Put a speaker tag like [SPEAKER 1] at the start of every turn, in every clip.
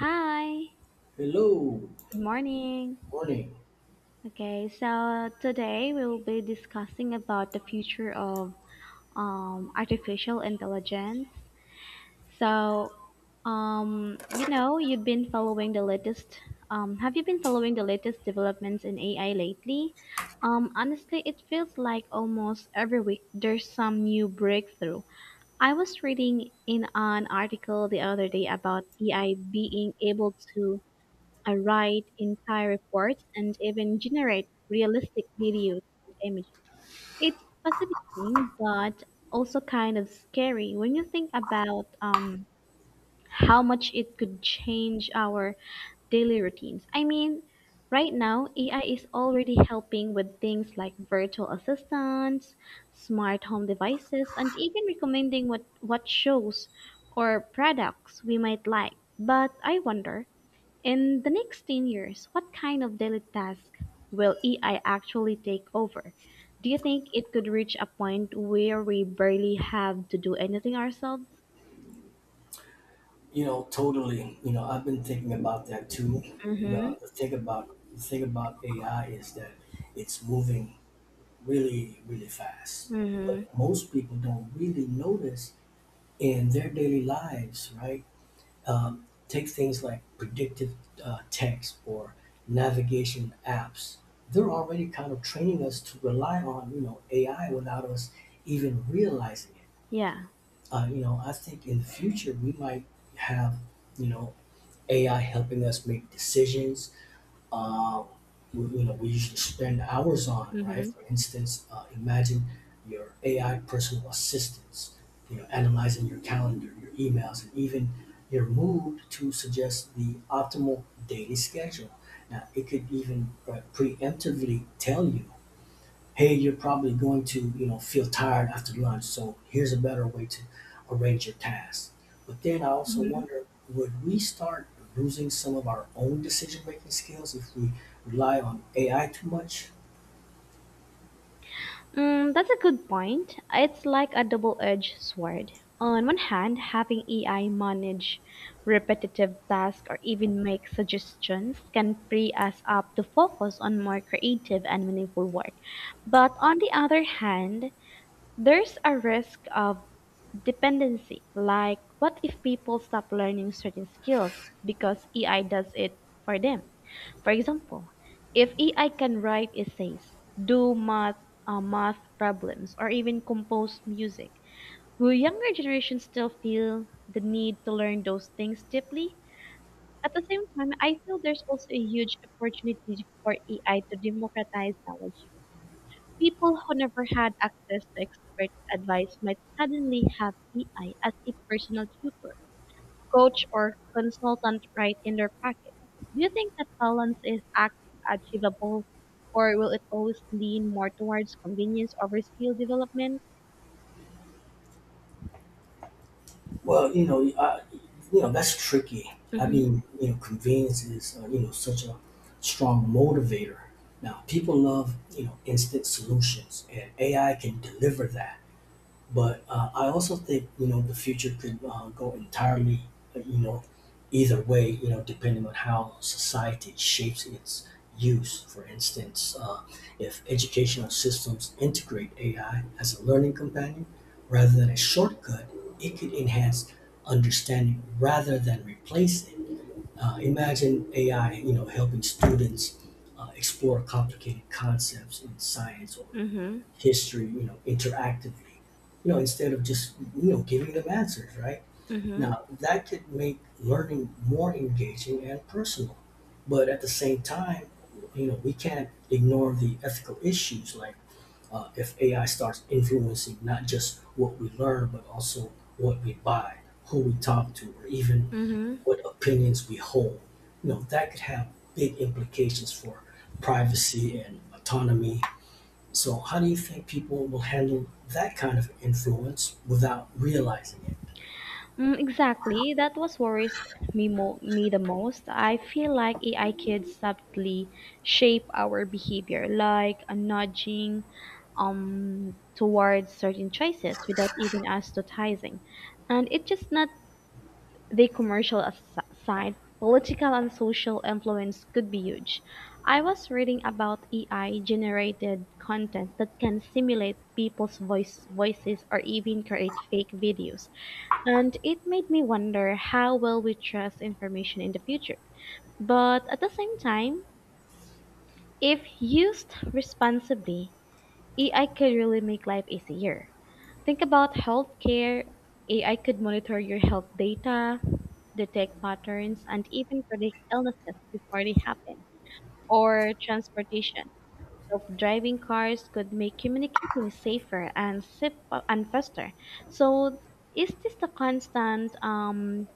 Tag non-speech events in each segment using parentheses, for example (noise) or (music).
[SPEAKER 1] Hi,
[SPEAKER 2] Hello,
[SPEAKER 1] good morning.
[SPEAKER 2] morning.
[SPEAKER 1] Okay, so today we will be discussing about the future of artificial intelligence. So, you've been following the latest. Have you been following the latest developments in AI lately? Honestly, it feels like almost every week there's some new breakthrough. I was reading in an article the other day about AI being able to I write entire reports and even generate realistic videos and images. It's fascinating, but also kind of scary when you think about how much it could change our daily routines. I mean, right now, AI is already helping with things like virtual assistants, smart home devices, and even recommending what shows or products we might like. But I wonder, in the next 10 years, what kind of daily task will AI actually take over? Do you think it could reach a point where we barely have to do anything ourselves?
[SPEAKER 2] You know, totally. You know, I've been thinking about that too.
[SPEAKER 1] Mm-hmm.
[SPEAKER 2] The thing about AI is that it's moving really, really fast.
[SPEAKER 1] Mm-hmm.
[SPEAKER 2] But most people don't really notice in their daily lives, right? Take things like predictive text or navigation apps. They're already kind of training us to rely on, you know, AI without us even realizing it
[SPEAKER 1] Yeah.
[SPEAKER 2] uh, You know, I think in the future we might have, you know, AI helping us make decisions. Uh, we you know, we usually spend hours on, right?
[SPEAKER 1] Mm-hmm.
[SPEAKER 2] For instance, imagine your AI personal assistants, you know, analyzing your calendar, your emails, and even your mood to suggest the optimal daily schedule. Now, it could even preemptively tell you, hey, you're probably going to, you know, feel tired after lunch, so here's a better way to arrange your tasks. But then I also
[SPEAKER 1] Mm-hmm.
[SPEAKER 2] wonder, would we start losing some of our own decision-making skills if we rely on AI too much?
[SPEAKER 1] That's a good point. It's like a double-edged sword. On one hand, having AI manage repetitive tasks or even make suggestions can free us up to focus on more creative and meaningful work. But on the other hand, there's a risk of dependency, like what if people stop learning certain skills because AI does it for them? For example, if AI can write essays, do math problems, or even compose music, will younger generations still feel the need to learn those things deeply? At the same time, I feel there's also a huge opportunity for AI to democratize knowledge. People who never had access to expert advice might suddenly have AI as a personal tutor, coach, or consultant right in their pocket. Do you think that balance is achievable, or will it always lean more towards convenience over skill development?
[SPEAKER 2] Well, you know, I, you know, that's tricky. I
[SPEAKER 1] Mm-hmm.
[SPEAKER 2] mean, you know, convenience is you know, such a strong motivator. Now, people love, you know, instant solutions, and AI can deliver that. But I also think, you know, the future could go entirely you know, either way, you know, depending on how society shapes its use. For instance, if educational systems integrate AI as a learning companion rather than a shortcut, it could enhance understanding rather than replace it. Imagine AI, you know, helping students explore complicated concepts in science or
[SPEAKER 1] Mm-hmm.
[SPEAKER 2] history, you know, interactively, you know, instead of just, you know, giving them answers, right?
[SPEAKER 1] Mm-hmm.
[SPEAKER 2] Now, that could make learning more engaging and personal. But at the same time, you know, we can't ignore the ethical issues, like if AI starts influencing not just what we learn, but also what we buy, who we talk to, or even
[SPEAKER 1] Mm-hmm.
[SPEAKER 2] what opinions we hold. You know, that could have big implications for privacy and autonomy. So how do you think people will handle that kind of influence without realizing it?
[SPEAKER 1] Exactly. That was worries me the most. I feel like AI could subtly shape our behavior, like a nudging towards certain choices without even us noticing. And it's just not the commercial side. Political and social influence could be huge. I was reading about AI generated content that can simulate people's voices or even create fake videos, and it made me wonder how well we trust information in the future. But at the same time, if used responsibly, AI could really make life easier. Think about healthcare. AI could monitor your health data, detect patterns, and even predict illnesses before they happen. Or transportation. Self-driving cars could make communicating safer and faster. So, is this the constant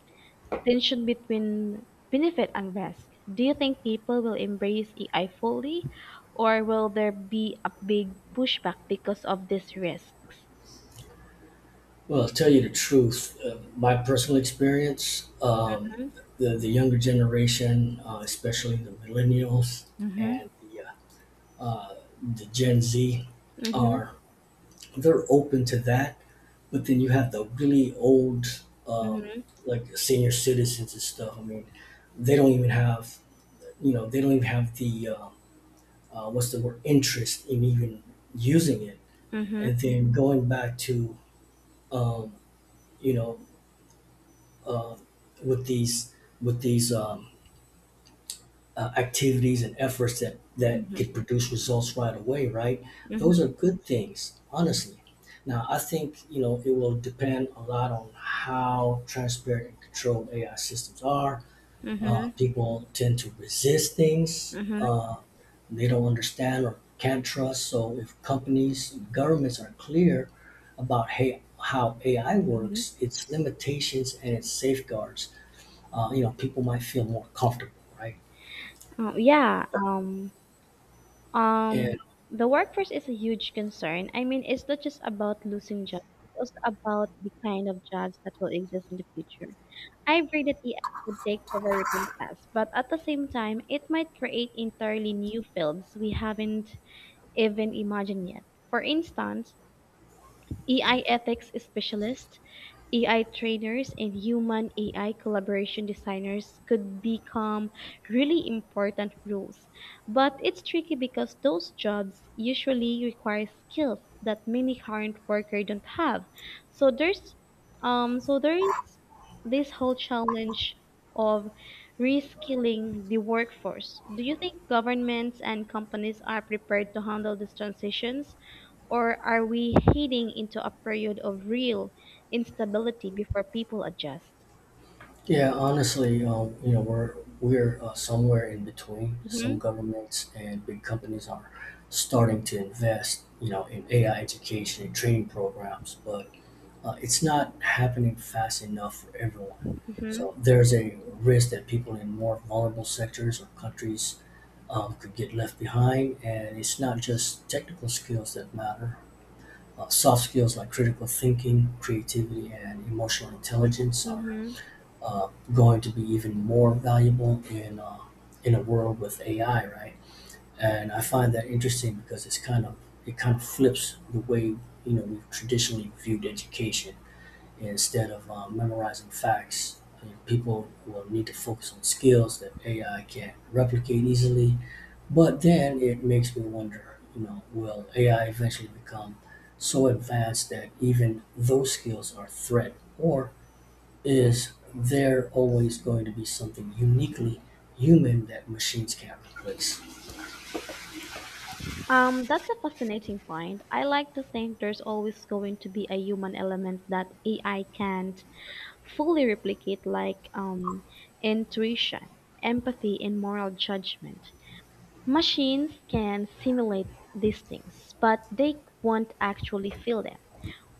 [SPEAKER 1] tension between benefit and risk. Do you think people will embrace AI fully, or will there be a big pushback because of these risks?
[SPEAKER 2] Well, I'll tell you the truth. My personal experience,
[SPEAKER 1] Mhm.
[SPEAKER 2] the younger generation, especially the millennials
[SPEAKER 1] Mm-hmm.
[SPEAKER 2] and uh, uh, the Gen Z, are,
[SPEAKER 1] Mhm.
[SPEAKER 2] they're open to that. But then you have the really old, um,
[SPEAKER 1] Mhm.
[SPEAKER 2] like senior citizens and stuff. I mean, they don't even you know, they don't even have the what's the word, interest in even using it.
[SPEAKER 1] Mhm.
[SPEAKER 2] And then going back to, um, you know, uh, with these with these um, activities and efforts that
[SPEAKER 1] Mm-hmm.
[SPEAKER 2] could produce results right away, right?
[SPEAKER 1] Mhm.
[SPEAKER 2] Those are good things, honestly. Now I think, you know, it will depend a lot on how transparent and controlled AI systems are.
[SPEAKER 1] Mhm.
[SPEAKER 2] People tend to resist things
[SPEAKER 1] Mhm.
[SPEAKER 2] they don't understand or can't trust, so if companies, governments are clear about, hey, how AI
[SPEAKER 1] Mhm.
[SPEAKER 2] works, its limitations and its safeguards, you know, people might feel more comfortable, right?
[SPEAKER 1] Oh, yeah. Um, the workforce is a huge concern. I mean, it's not just about losing jobs, it's also about the kind of jobs that will exist in the future. I agree that AI could take over routine tasks, but at the same time, it might create entirely new fields we haven't even imagined yet. For instance, AI ethics specialists, AI trainers, and human AI collaboration designers could become really important roles. But it's tricky because those jobs usually require skills that many current workers don't have. So there's so there is this whole challenge of reskilling the workforce. Do you think governments and companies are prepared to handle these transitions, or are we heading into a period of real instability before people adjust?
[SPEAKER 2] Yeah, honestly, you know, we're somewhere in between. Some
[SPEAKER 1] Mhm.
[SPEAKER 2] governments and big companies are starting to invest, you know, in AI education and training programs, but it's not happening fast enough for everyone.
[SPEAKER 1] Mhm.
[SPEAKER 2] So there's a risk that people in more vulnerable sectors or countries could get left behind, and it's not just technical skills that matter. Soft skills like critical thinking, creativity, and emotional intelligence are
[SPEAKER 1] Mhm.
[SPEAKER 2] going to be even more valuable in a world with AI, right? And I find that interesting because it kind of flips the way, you know, we've traditionally viewed education. Instead of memorizing facts, you know, people will need to focus on skills that AI can't replicate easily. But then it makes me wonder, you know, will AI eventually become so advanced that even those skills are a threat, or is there always going to be something uniquely human that machines can't replace?
[SPEAKER 1] That's a fascinating point. I like to think there's always going to be a human element that AI can't fully replicate, like intuition, empathy, and moral judgment. Machines can simulate these things, but they won't actually feel them.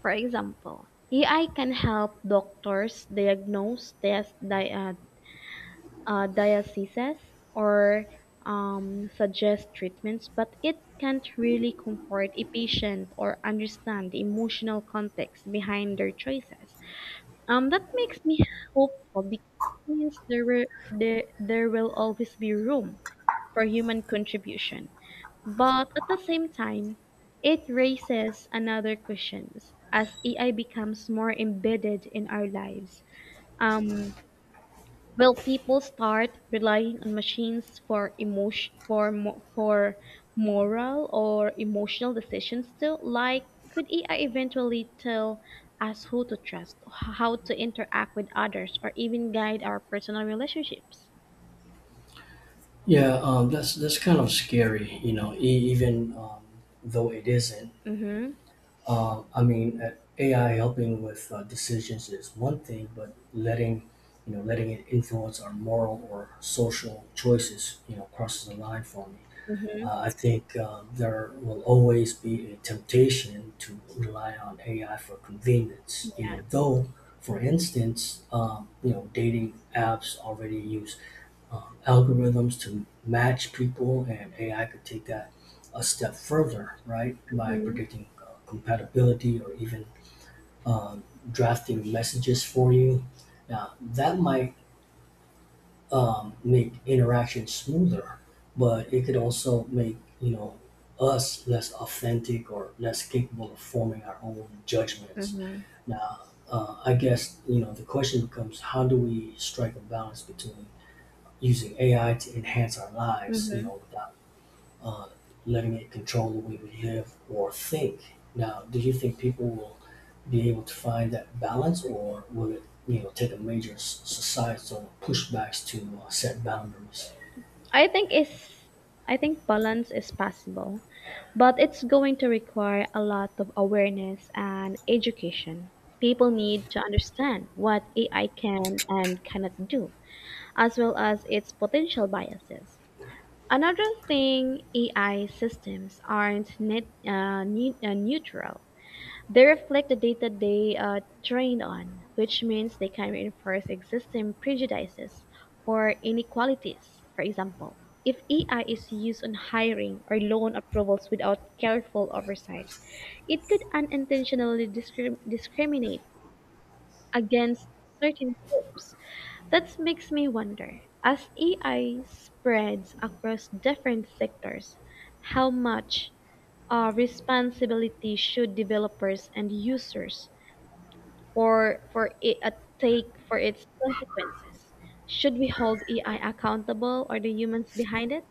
[SPEAKER 1] For example, AI can help doctors diagnose, test, diatheses or suggest treatments, but it can't really comfort a patient or understand the emotional context behind their choices. That makes me hopeful because it means there will always be room for human contribution. But at the same time, it raises another questions as AI becomes more embedded in our lives. Um, Will people start relying on machines for moral or emotional decisions too? Like, could AI eventually tell us who to trust, how to interact with others, or even guide our personal relationships?
[SPEAKER 2] Yeah, that's kind of scary, you know. E- even though it isn't,
[SPEAKER 1] Mm-hmm.
[SPEAKER 2] I mean, AI helping with decisions is one thing, but letting you know letting it influence our moral or social choices, you know, crosses the line for me.
[SPEAKER 1] Mm-hmm.
[SPEAKER 2] I think there will always be a temptation to rely on AI for convenience. You
[SPEAKER 1] Yeah.
[SPEAKER 2] know, though, for instance, you know, dating apps already use algorithms to match people, and AI could take that a step further, right, by predicting compatibility or even um, drafting messages for you. Now, that might make interaction smoother, but it could also make, you know, us less authentic or less capable of forming our own judgments.
[SPEAKER 1] Mm-hmm.
[SPEAKER 2] Now, I guess, you know, the question becomes how do we strike a balance between using AI to enhance our lives, you
[SPEAKER 1] Mm-hmm.
[SPEAKER 2] know, without uh, letting it control the way we live or think. Now, do you think people will be able to find that balance, or will it, you know, take a major societal pushbacks to set boundaries?
[SPEAKER 1] I think is I think balance is possible, but it's going to require a lot of awareness and education. People need to understand what AI can and cannot do, as well as its potential biases. Another thing, AI systems aren't neutral. They reflect the data they are trained on, which means they can reinforce existing prejudices or inequalities. For example, if AI is used on hiring or loan approvals without careful oversight, it could unintentionally discriminate against certain groups. That makes me wonder, as AI spreads across different sectors, how much responsibility should developers and users for it a take for its consequences. Should we hold AI accountable or the humans behind it?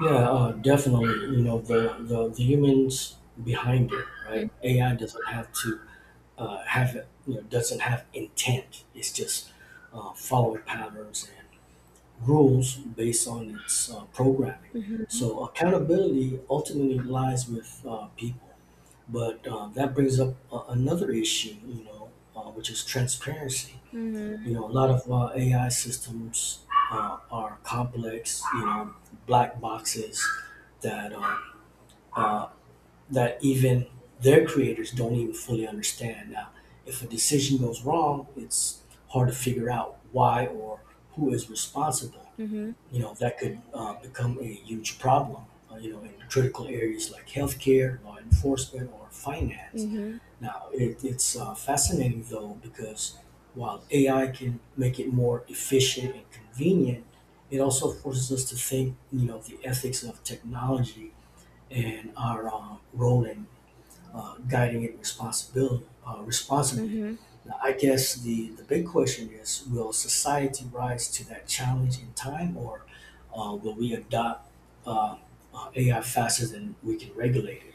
[SPEAKER 2] Yeah, definitely. You know, the humans behind it, right?
[SPEAKER 1] Mm-hmm.
[SPEAKER 2] AI doesn't have to have you know, doesn't have intent. It's just following patterns and rules based on its programming.
[SPEAKER 1] Mm-hmm.
[SPEAKER 2] So accountability ultimately lies with people. But that brings up another issue, you know, which is transparency. You know, a lot of AI systems are complex, you know, black boxes that uh, uh, that even their creators don't even fully understand. Now, if a decision goes wrong, it's hard to figure out why or who is responsible.
[SPEAKER 1] Mm-hmm.
[SPEAKER 2] You know, that could become a huge problem, you know, in critical areas like healthcare, law enforcement, or finance.
[SPEAKER 1] Mm-hmm.
[SPEAKER 2] Now, it's fascinating though, because while AI can make it more efficient and convenient, it also forces us to think, you know, the ethics of technology and our role in guiding it responsibly.
[SPEAKER 1] Mm-hmm.
[SPEAKER 2] Now, I guess the big question is, will society rise to that challenge in time, or will we adopt uh, AI faster than we can regulate it?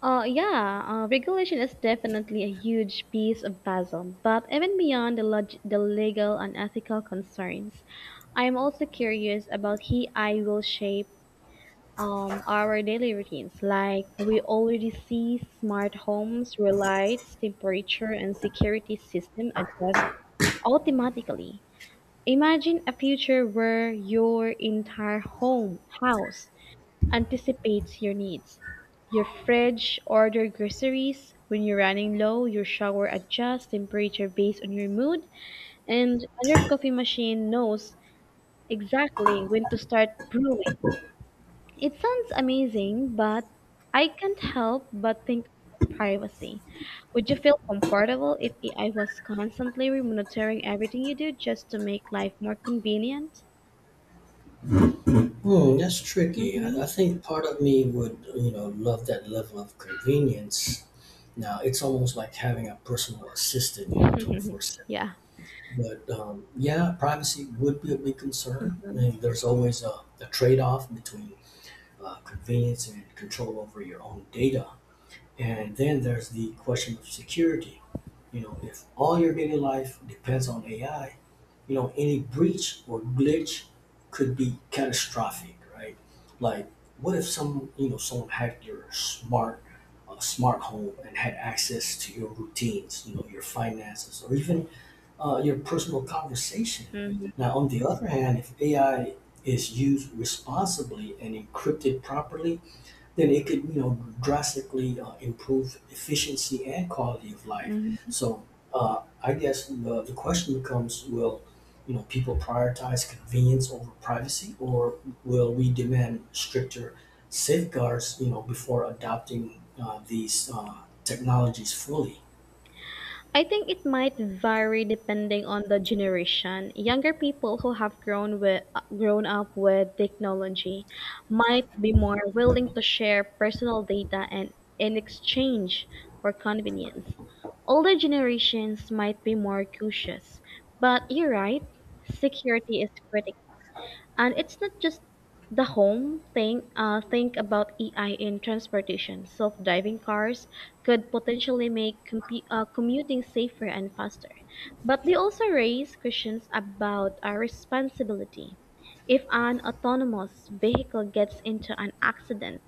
[SPEAKER 1] Yeah, regulation is definitely a huge piece of puzzle, but even beyond the legal and ethical concerns, I am also curious about how AI will shape our daily routines. Like we already see smart homes where lights, temperature, and security system adjust automatically. Imagine a future where your entire home house anticipates your needs. Your fridge order groceries when you're running low, your shower adjusts temperature based on your mood, and your coffee machine knows exactly when to start brewing. It sounds amazing, but I can't help but think about privacy. Would you feel comfortable if AI was constantly monitoring everything you do just to make life more convenient?
[SPEAKER 2] Hmm, that's tricky.
[SPEAKER 1] Mm-hmm.
[SPEAKER 2] I think part of me would, you know, love that level of convenience. Now, it's almost like having a personal assistant, you know,
[SPEAKER 1] (laughs)
[SPEAKER 2] 24/7.
[SPEAKER 1] Yeah.
[SPEAKER 2] But yeah, privacy would be a big concern. I
[SPEAKER 1] Mm-hmm.
[SPEAKER 2] mean, there's always a trade off between convenience and control over your own data. And then there's the question of security. You know, if all your daily life depends on AI, you know, any breach or glitch could be catastrophic, right? Like, what if you know, someone hacked your smart home and had access to your routines, you know, your finances, or even your personal conversation.
[SPEAKER 1] Mm-hmm.
[SPEAKER 2] Now, on the other hand, if AI is used responsibly and encrypted properly, then it could, you know, drastically improve efficiency and quality of life.
[SPEAKER 1] Mm-hmm.
[SPEAKER 2] So, I guess the question becomes, will, you know, people prioritize convenience over privacy, or will we demand stricter safeguards, you know, before adopting these technologies fully?
[SPEAKER 1] I think it might vary depending on the generation. Younger people who have grown up with technology might be more willing to share personal data and in exchange for convenience. Older generations might be more cautious. But you're right, security is critical. And it's not just the home thing. Think about AI in transportation. Self-driving cars could potentially make commuting safer and faster, but they also raise questions about our responsibility. If an autonomous vehicle gets into an accident,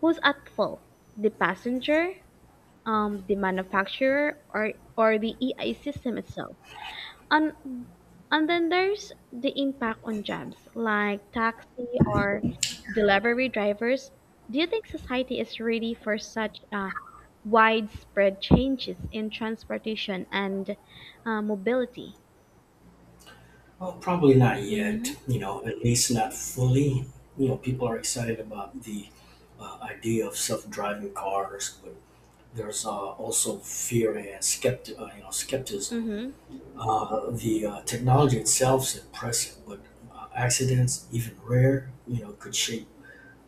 [SPEAKER 1] who's at fault? The passenger, the manufacturer, or the AI system itself? And and then there's the impact on jobs, like taxi or delivery drivers. Do you think society is ready for such widespread changes in transportation and mobility?
[SPEAKER 2] Well, probably not
[SPEAKER 1] Mm-hmm.
[SPEAKER 2] yet, you know, at least not fully. You know, people are excited about the idea of self-driving cars, but there's also fear and you know, skepticism. The technology itself is impressive, but accidents, even rare, you know, could shake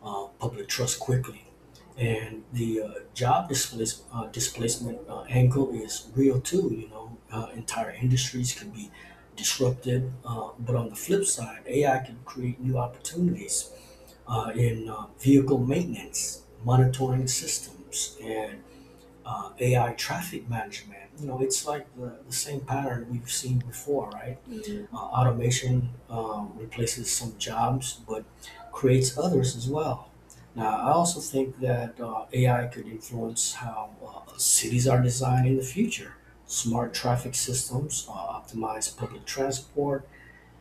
[SPEAKER 2] public trust quickly. And the displacement angle is real too. You know, entire industries can be disrupted. But on the flip side, AI can create new opportunities in vehicle maintenance, monitoring systems, and AI traffic management. You know, it's like the same pattern we've seen before, right?
[SPEAKER 1] Mm-hmm.
[SPEAKER 2] Automation replaces some jobs, but creates others as well. Now, I also think that AI could influence how cities are designed in the future. Smart traffic systems, optimize public transport,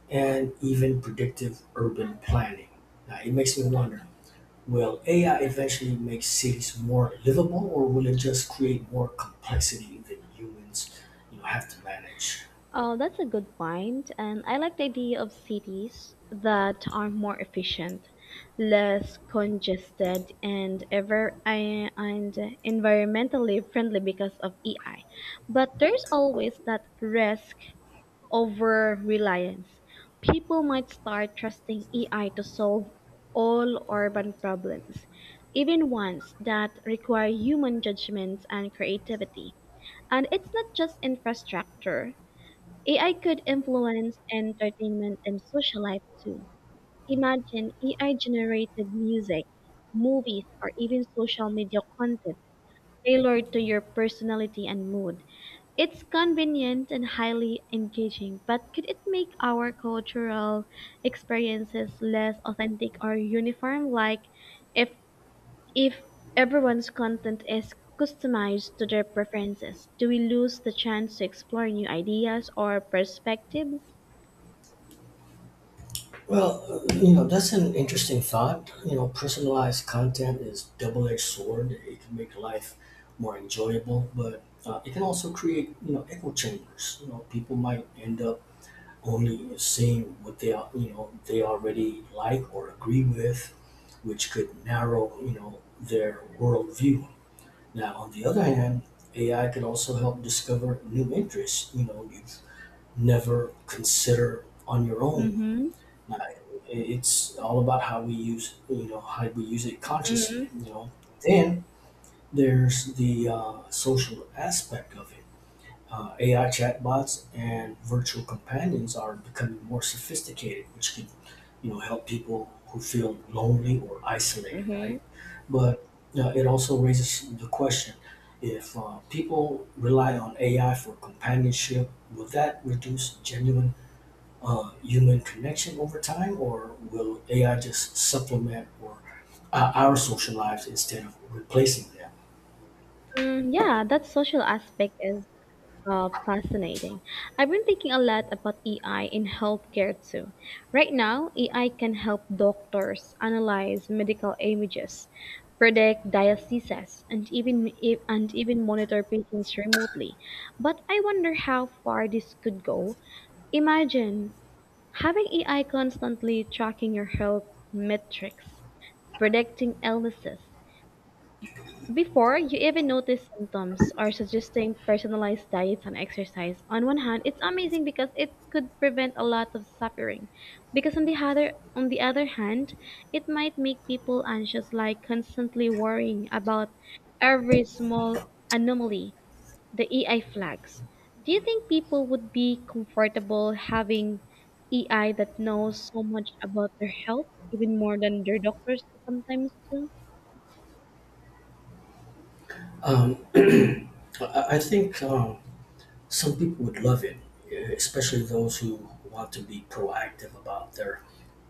[SPEAKER 2] and even predictive urban planning. Now, it makes me wonder, will AI eventually make cities more livable, or will it just create more complexity that humans, you know, have to manage?
[SPEAKER 1] Oh, that's a good point, and I like the idea of cities that are more efficient, less congested, and environmentally friendly because of AI. But there's always that risk over reliance. People might start trusting AI to solve all urban problems, even ones that require human judgments and creativity. And it's not just infrastructure. AI could influence entertainment and social life too. Imagine AI generated music, movies, or even social media content tailored to your personality and mood. It's convenient and highly engaging, but could it make our cultural experiences less authentic or uniform? Like, if if everyone's content is customized to their preferences, do we lose the chance to explore new ideas or perspectives?
[SPEAKER 2] Well, you know, that's an interesting thought. You know, personalized content is double-edged sword. It can make life more enjoyable, but it can also create, you know, echo chambers. You know, people might end up only seeing what you know, they already like or agree with, which could narrow, you know, their worldview. Now, on the other hand, AI could also help discover new interests, you know, you've never considered on your own
[SPEAKER 1] Mm-hmm.
[SPEAKER 2] uh, it's all about how we you know, how we use it consciously.
[SPEAKER 1] Mm-hmm.
[SPEAKER 2] You know, then there's the social aspect of it. AI chatbots and virtual companions are becoming more sophisticated, which can, you know, help people who feel lonely or isolated,
[SPEAKER 1] Mm-hmm.
[SPEAKER 2] right? But it also raises the question: if people rely on AI for companionship, will that reduce genuine human connection over time, or will AI just supplement or our social lives instead of replacing them?
[SPEAKER 1] Yeah, that social aspect is fascinating. I've been thinking a lot about AI in healthcare too. Right now, AI can help doctors analyze medical images, predict diagnoses, and even monitor patients remotely. But I wonder how far this could go. Imagine having AI constantly tracking your health metrics, predicting illnesses before you even notice symptoms or suggesting personalized diets and exercise. On one hand, it's amazing because it could prevent a lot of suffering. Because on the other hand, it might make people anxious, like constantly worrying about every small anomaly, the EI flags. Do you think people would be comfortable having EI that knows so much about their health, even more than their doctors sometimes do?
[SPEAKER 2] Um, (clears throat) I think some people would love it, especially those who want to be proactive about their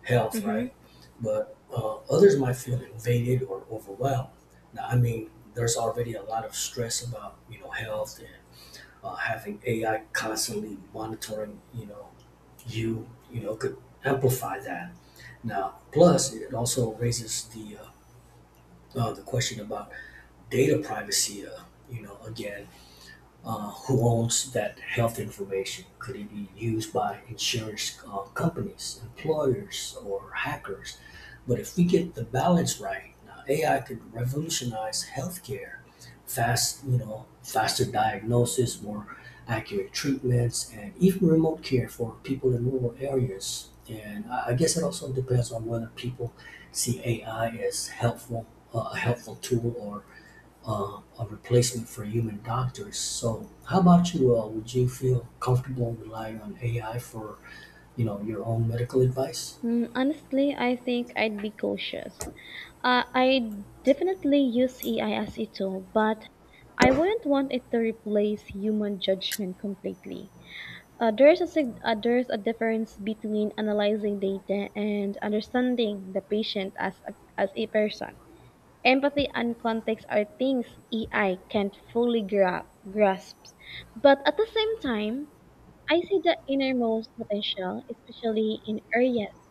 [SPEAKER 2] health,
[SPEAKER 1] Mm-hmm.
[SPEAKER 2] right? But others might feel invaded or overwhelmed. Now, I mean, there's already a lot of stress about, you know, health and having AI constantly monitoring, you know, you know, could amplify that. Now, plus it also raises the question about data privacy. You know, again, who owns that health information? Could it be used by insurance companies, employers, or hackers? But if we get the balance right, now AI could revolutionize healthcare. Fast, you know, faster diagnosis, more accurate treatments, and even remote care for people in rural areas. And I guess it also depends on whether people see AI as helpful, a helpful tool, or a replacement for human doctors. So, how about you? Would you feel comfortable relying on AI for, you know, your own medical advice?
[SPEAKER 1] Honestly, I think I'd be cautious. I definitely use AI as a tool, but I wouldn't want it to replace human judgment completely. There's a difference between analyzing data and understanding the patient as a person. Empathy and context are things AI can't fully grasp, but at the same time, I see the innermost potential, especially in areas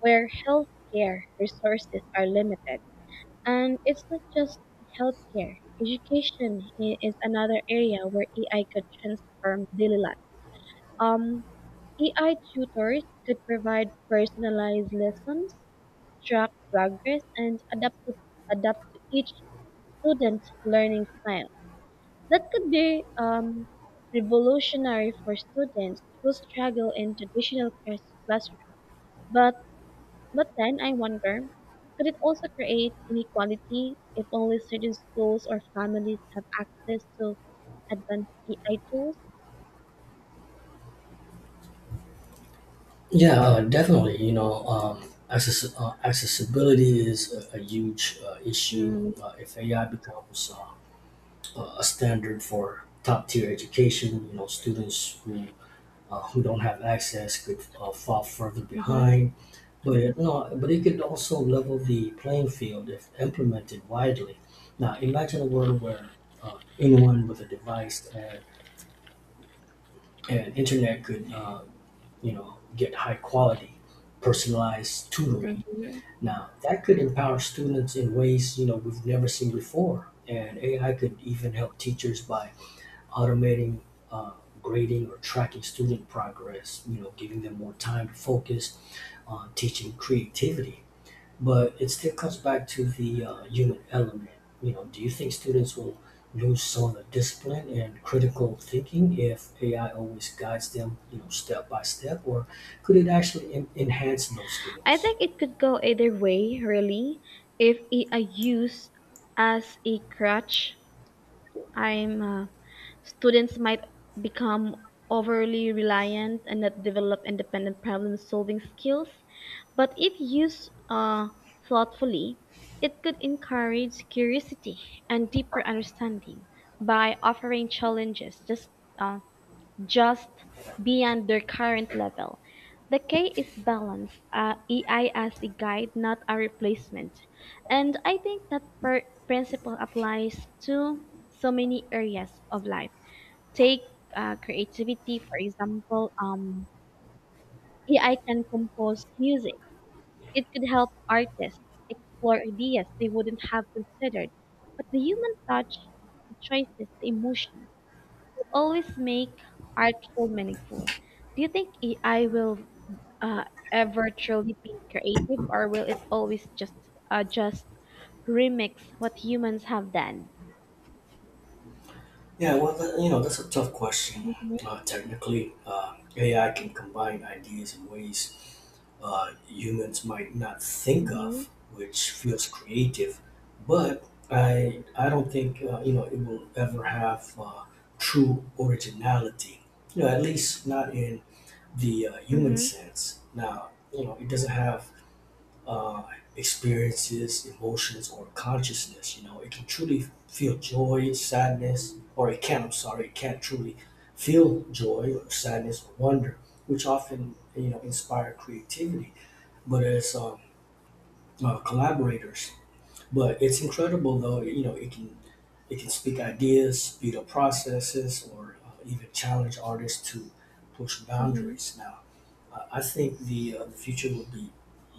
[SPEAKER 1] where healthcare resources are limited. And it's not just healthcare. Education is another area where AI could transform daily life. Um, AI tutors could provide personalized lessons, track progress, and adapt to each student's learning style. That could be revolutionary for students who struggle in traditional classrooms. But But then I wonder, could it also create inequality if only certain schools or families have access to advanced AI tools?
[SPEAKER 2] Yeah, definitely. You know, access, accessibility is a huge issue.
[SPEAKER 1] Mm-hmm.
[SPEAKER 2] If AI becomes a standard for top tier education, you know, students who don't have access could fall further behind. But no, but it could also level the playing field if implemented widely. Now, imagine a world where anyone with a device and internet could, you know, get high quality, personalized tutoring.
[SPEAKER 1] hmm
[SPEAKER 2] Now, that could empower students in ways, you know, we've never seen before, and AI could even help teachers by automating uh, grading or tracking student progress, you know, giving them more time to focus on teaching creativity. But it still comes back to the human element. You know, do you think students will lose some of the discipline and critical thinking if AI always guides them, you know, step by step, or could it actually enhance those
[SPEAKER 1] I
[SPEAKER 2] skills?
[SPEAKER 1] think it could go either way, really. If AI used as a crutch, I'm students might become overly reliant and not develop independent problem solving skills. But if used thoughtfully, it could encourage curiosity and deeper understanding by offering challenges uh, just beyond their current level. The K is balance, EI as a guide, not a replacement. And I think that principle applies to so many areas of life. Take creativity, for example. AI can compose music. It could help artists explore ideas they wouldn't have considered. But the human touch, the choices, the emotions, always make artful meaningful. Do you think AI will uh, ever truly be creative, or will it always just remix what humans have done?
[SPEAKER 2] Yeah, well, that, you know, that's a tough question.
[SPEAKER 1] Mm-hmm.
[SPEAKER 2] Technically, AI can combine ideas in ways humans might not think of, which feels creative. But I don't think, you know, it will ever have true originality. You know, at least not in the human
[SPEAKER 1] Mm-hmm.
[SPEAKER 2] sense. Now, you know, it doesn't have uh, experiences, emotions, or consciousness. You know, it can truly feel joy, sadness, or it can. I'm sorry, it can't truly feel joy or sadness or wonder, which often, you know, inspire creativity but as collaborators. But it's incredible though, you know, it can speak ideas, speed up processes, or even challenge artists to push
[SPEAKER 1] Mm-hmm.
[SPEAKER 2] boundaries. Now, I think the future will be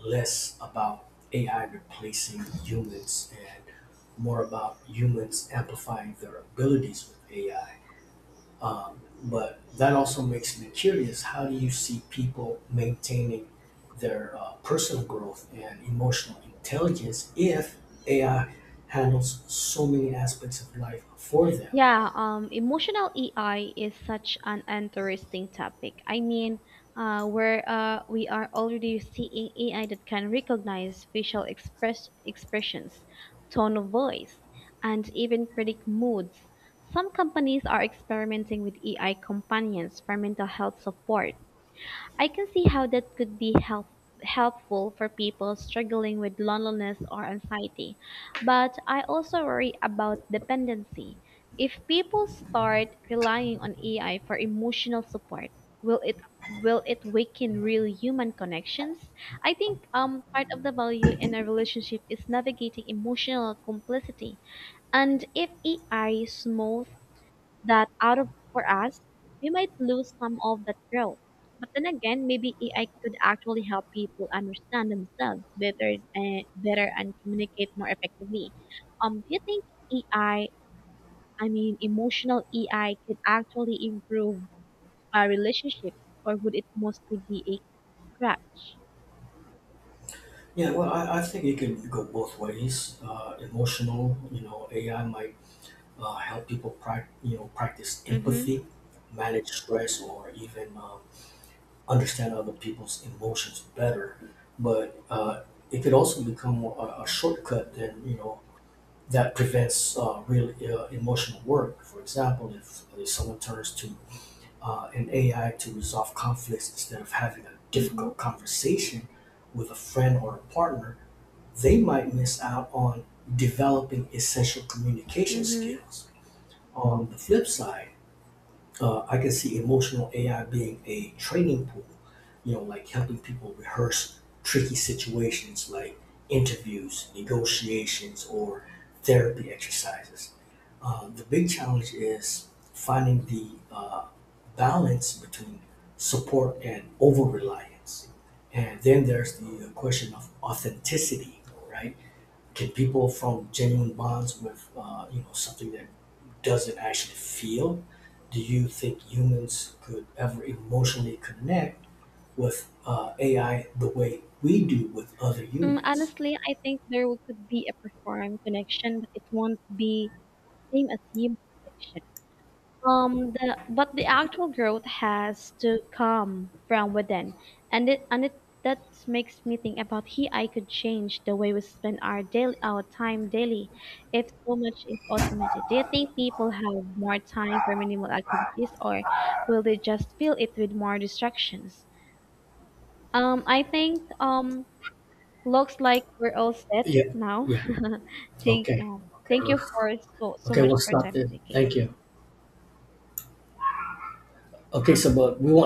[SPEAKER 2] less about AI replacing humans and more about humans amplifying their abilities with AI. But that also makes me curious. How do you see people maintaining their personal growth and emotional intelligence if AI handles so many aspects of life for them?
[SPEAKER 1] Yeah, emotional AI is such an interesting topic. I mean, we are already seeing AI that can recognize facial expressions, tone of voice, and even predict moods. Some companies are experimenting with AI companions for mental health support. I can see how that could be helpful for people struggling with loneliness or anxiety, but I also worry about dependency. If people start relying on AI for emotional support, will it will it weaken real human connections? I think part of the value in a relationship is navigating emotional complicity. And if AI smooth that out of for us, we might lose some of that growth. But then again, maybe AI could actually help people understand themselves better and communicate more effectively. Do you think AI, I I mean, emotional AI could actually improve our relationships, or would it mostly be a crutch?
[SPEAKER 2] Yeah, well, I think it can go both ways. Emotional, you know, AI might help people, you know, practice
[SPEAKER 1] Mm-hmm.
[SPEAKER 2] empathy, manage stress, or even understand other people's emotions better. But it could also become a shortcut. Then, you know, that prevents real emotional work. For example, if someone turns to an AI to resolve conflicts instead of having a
[SPEAKER 1] Hmm.
[SPEAKER 2] difficult conversation with a friend or a partner, they might miss out on developing essential communication
[SPEAKER 1] Mm-hmm.
[SPEAKER 2] skills. On the flip side, I can see emotional AI being a training pool, you know, like helping people rehearse tricky situations like interviews, negotiations, or therapy exercises. The big challenge is finding the balance between support and over reliance. And then there's the question of authenticity, right? Can people form genuine bonds with, you know, something that doesn't actually feel? Do you think humans could ever emotionally connect with AI the way we do with other humans?
[SPEAKER 1] Honestly, I think there could be a profound connection, but it won't be same as human connection. The actual growth has to come from within, and it that makes me think about he I could change the way we spend our time daily, if so much is automated. Do you think people have more time for minimal activities, or will they just fill it with more distractions? I think looks like we're all set
[SPEAKER 2] Yeah,
[SPEAKER 1] now.
[SPEAKER 2] yeah.
[SPEAKER 1] (laughs)
[SPEAKER 2] Okay. Okay,
[SPEAKER 1] Thank you
[SPEAKER 2] let's,
[SPEAKER 1] for so
[SPEAKER 2] okay,
[SPEAKER 1] much
[SPEAKER 2] we'll
[SPEAKER 1] for your
[SPEAKER 2] stop
[SPEAKER 1] time
[SPEAKER 2] there.
[SPEAKER 1] today.
[SPEAKER 2] Thank you. Okay, so but we won't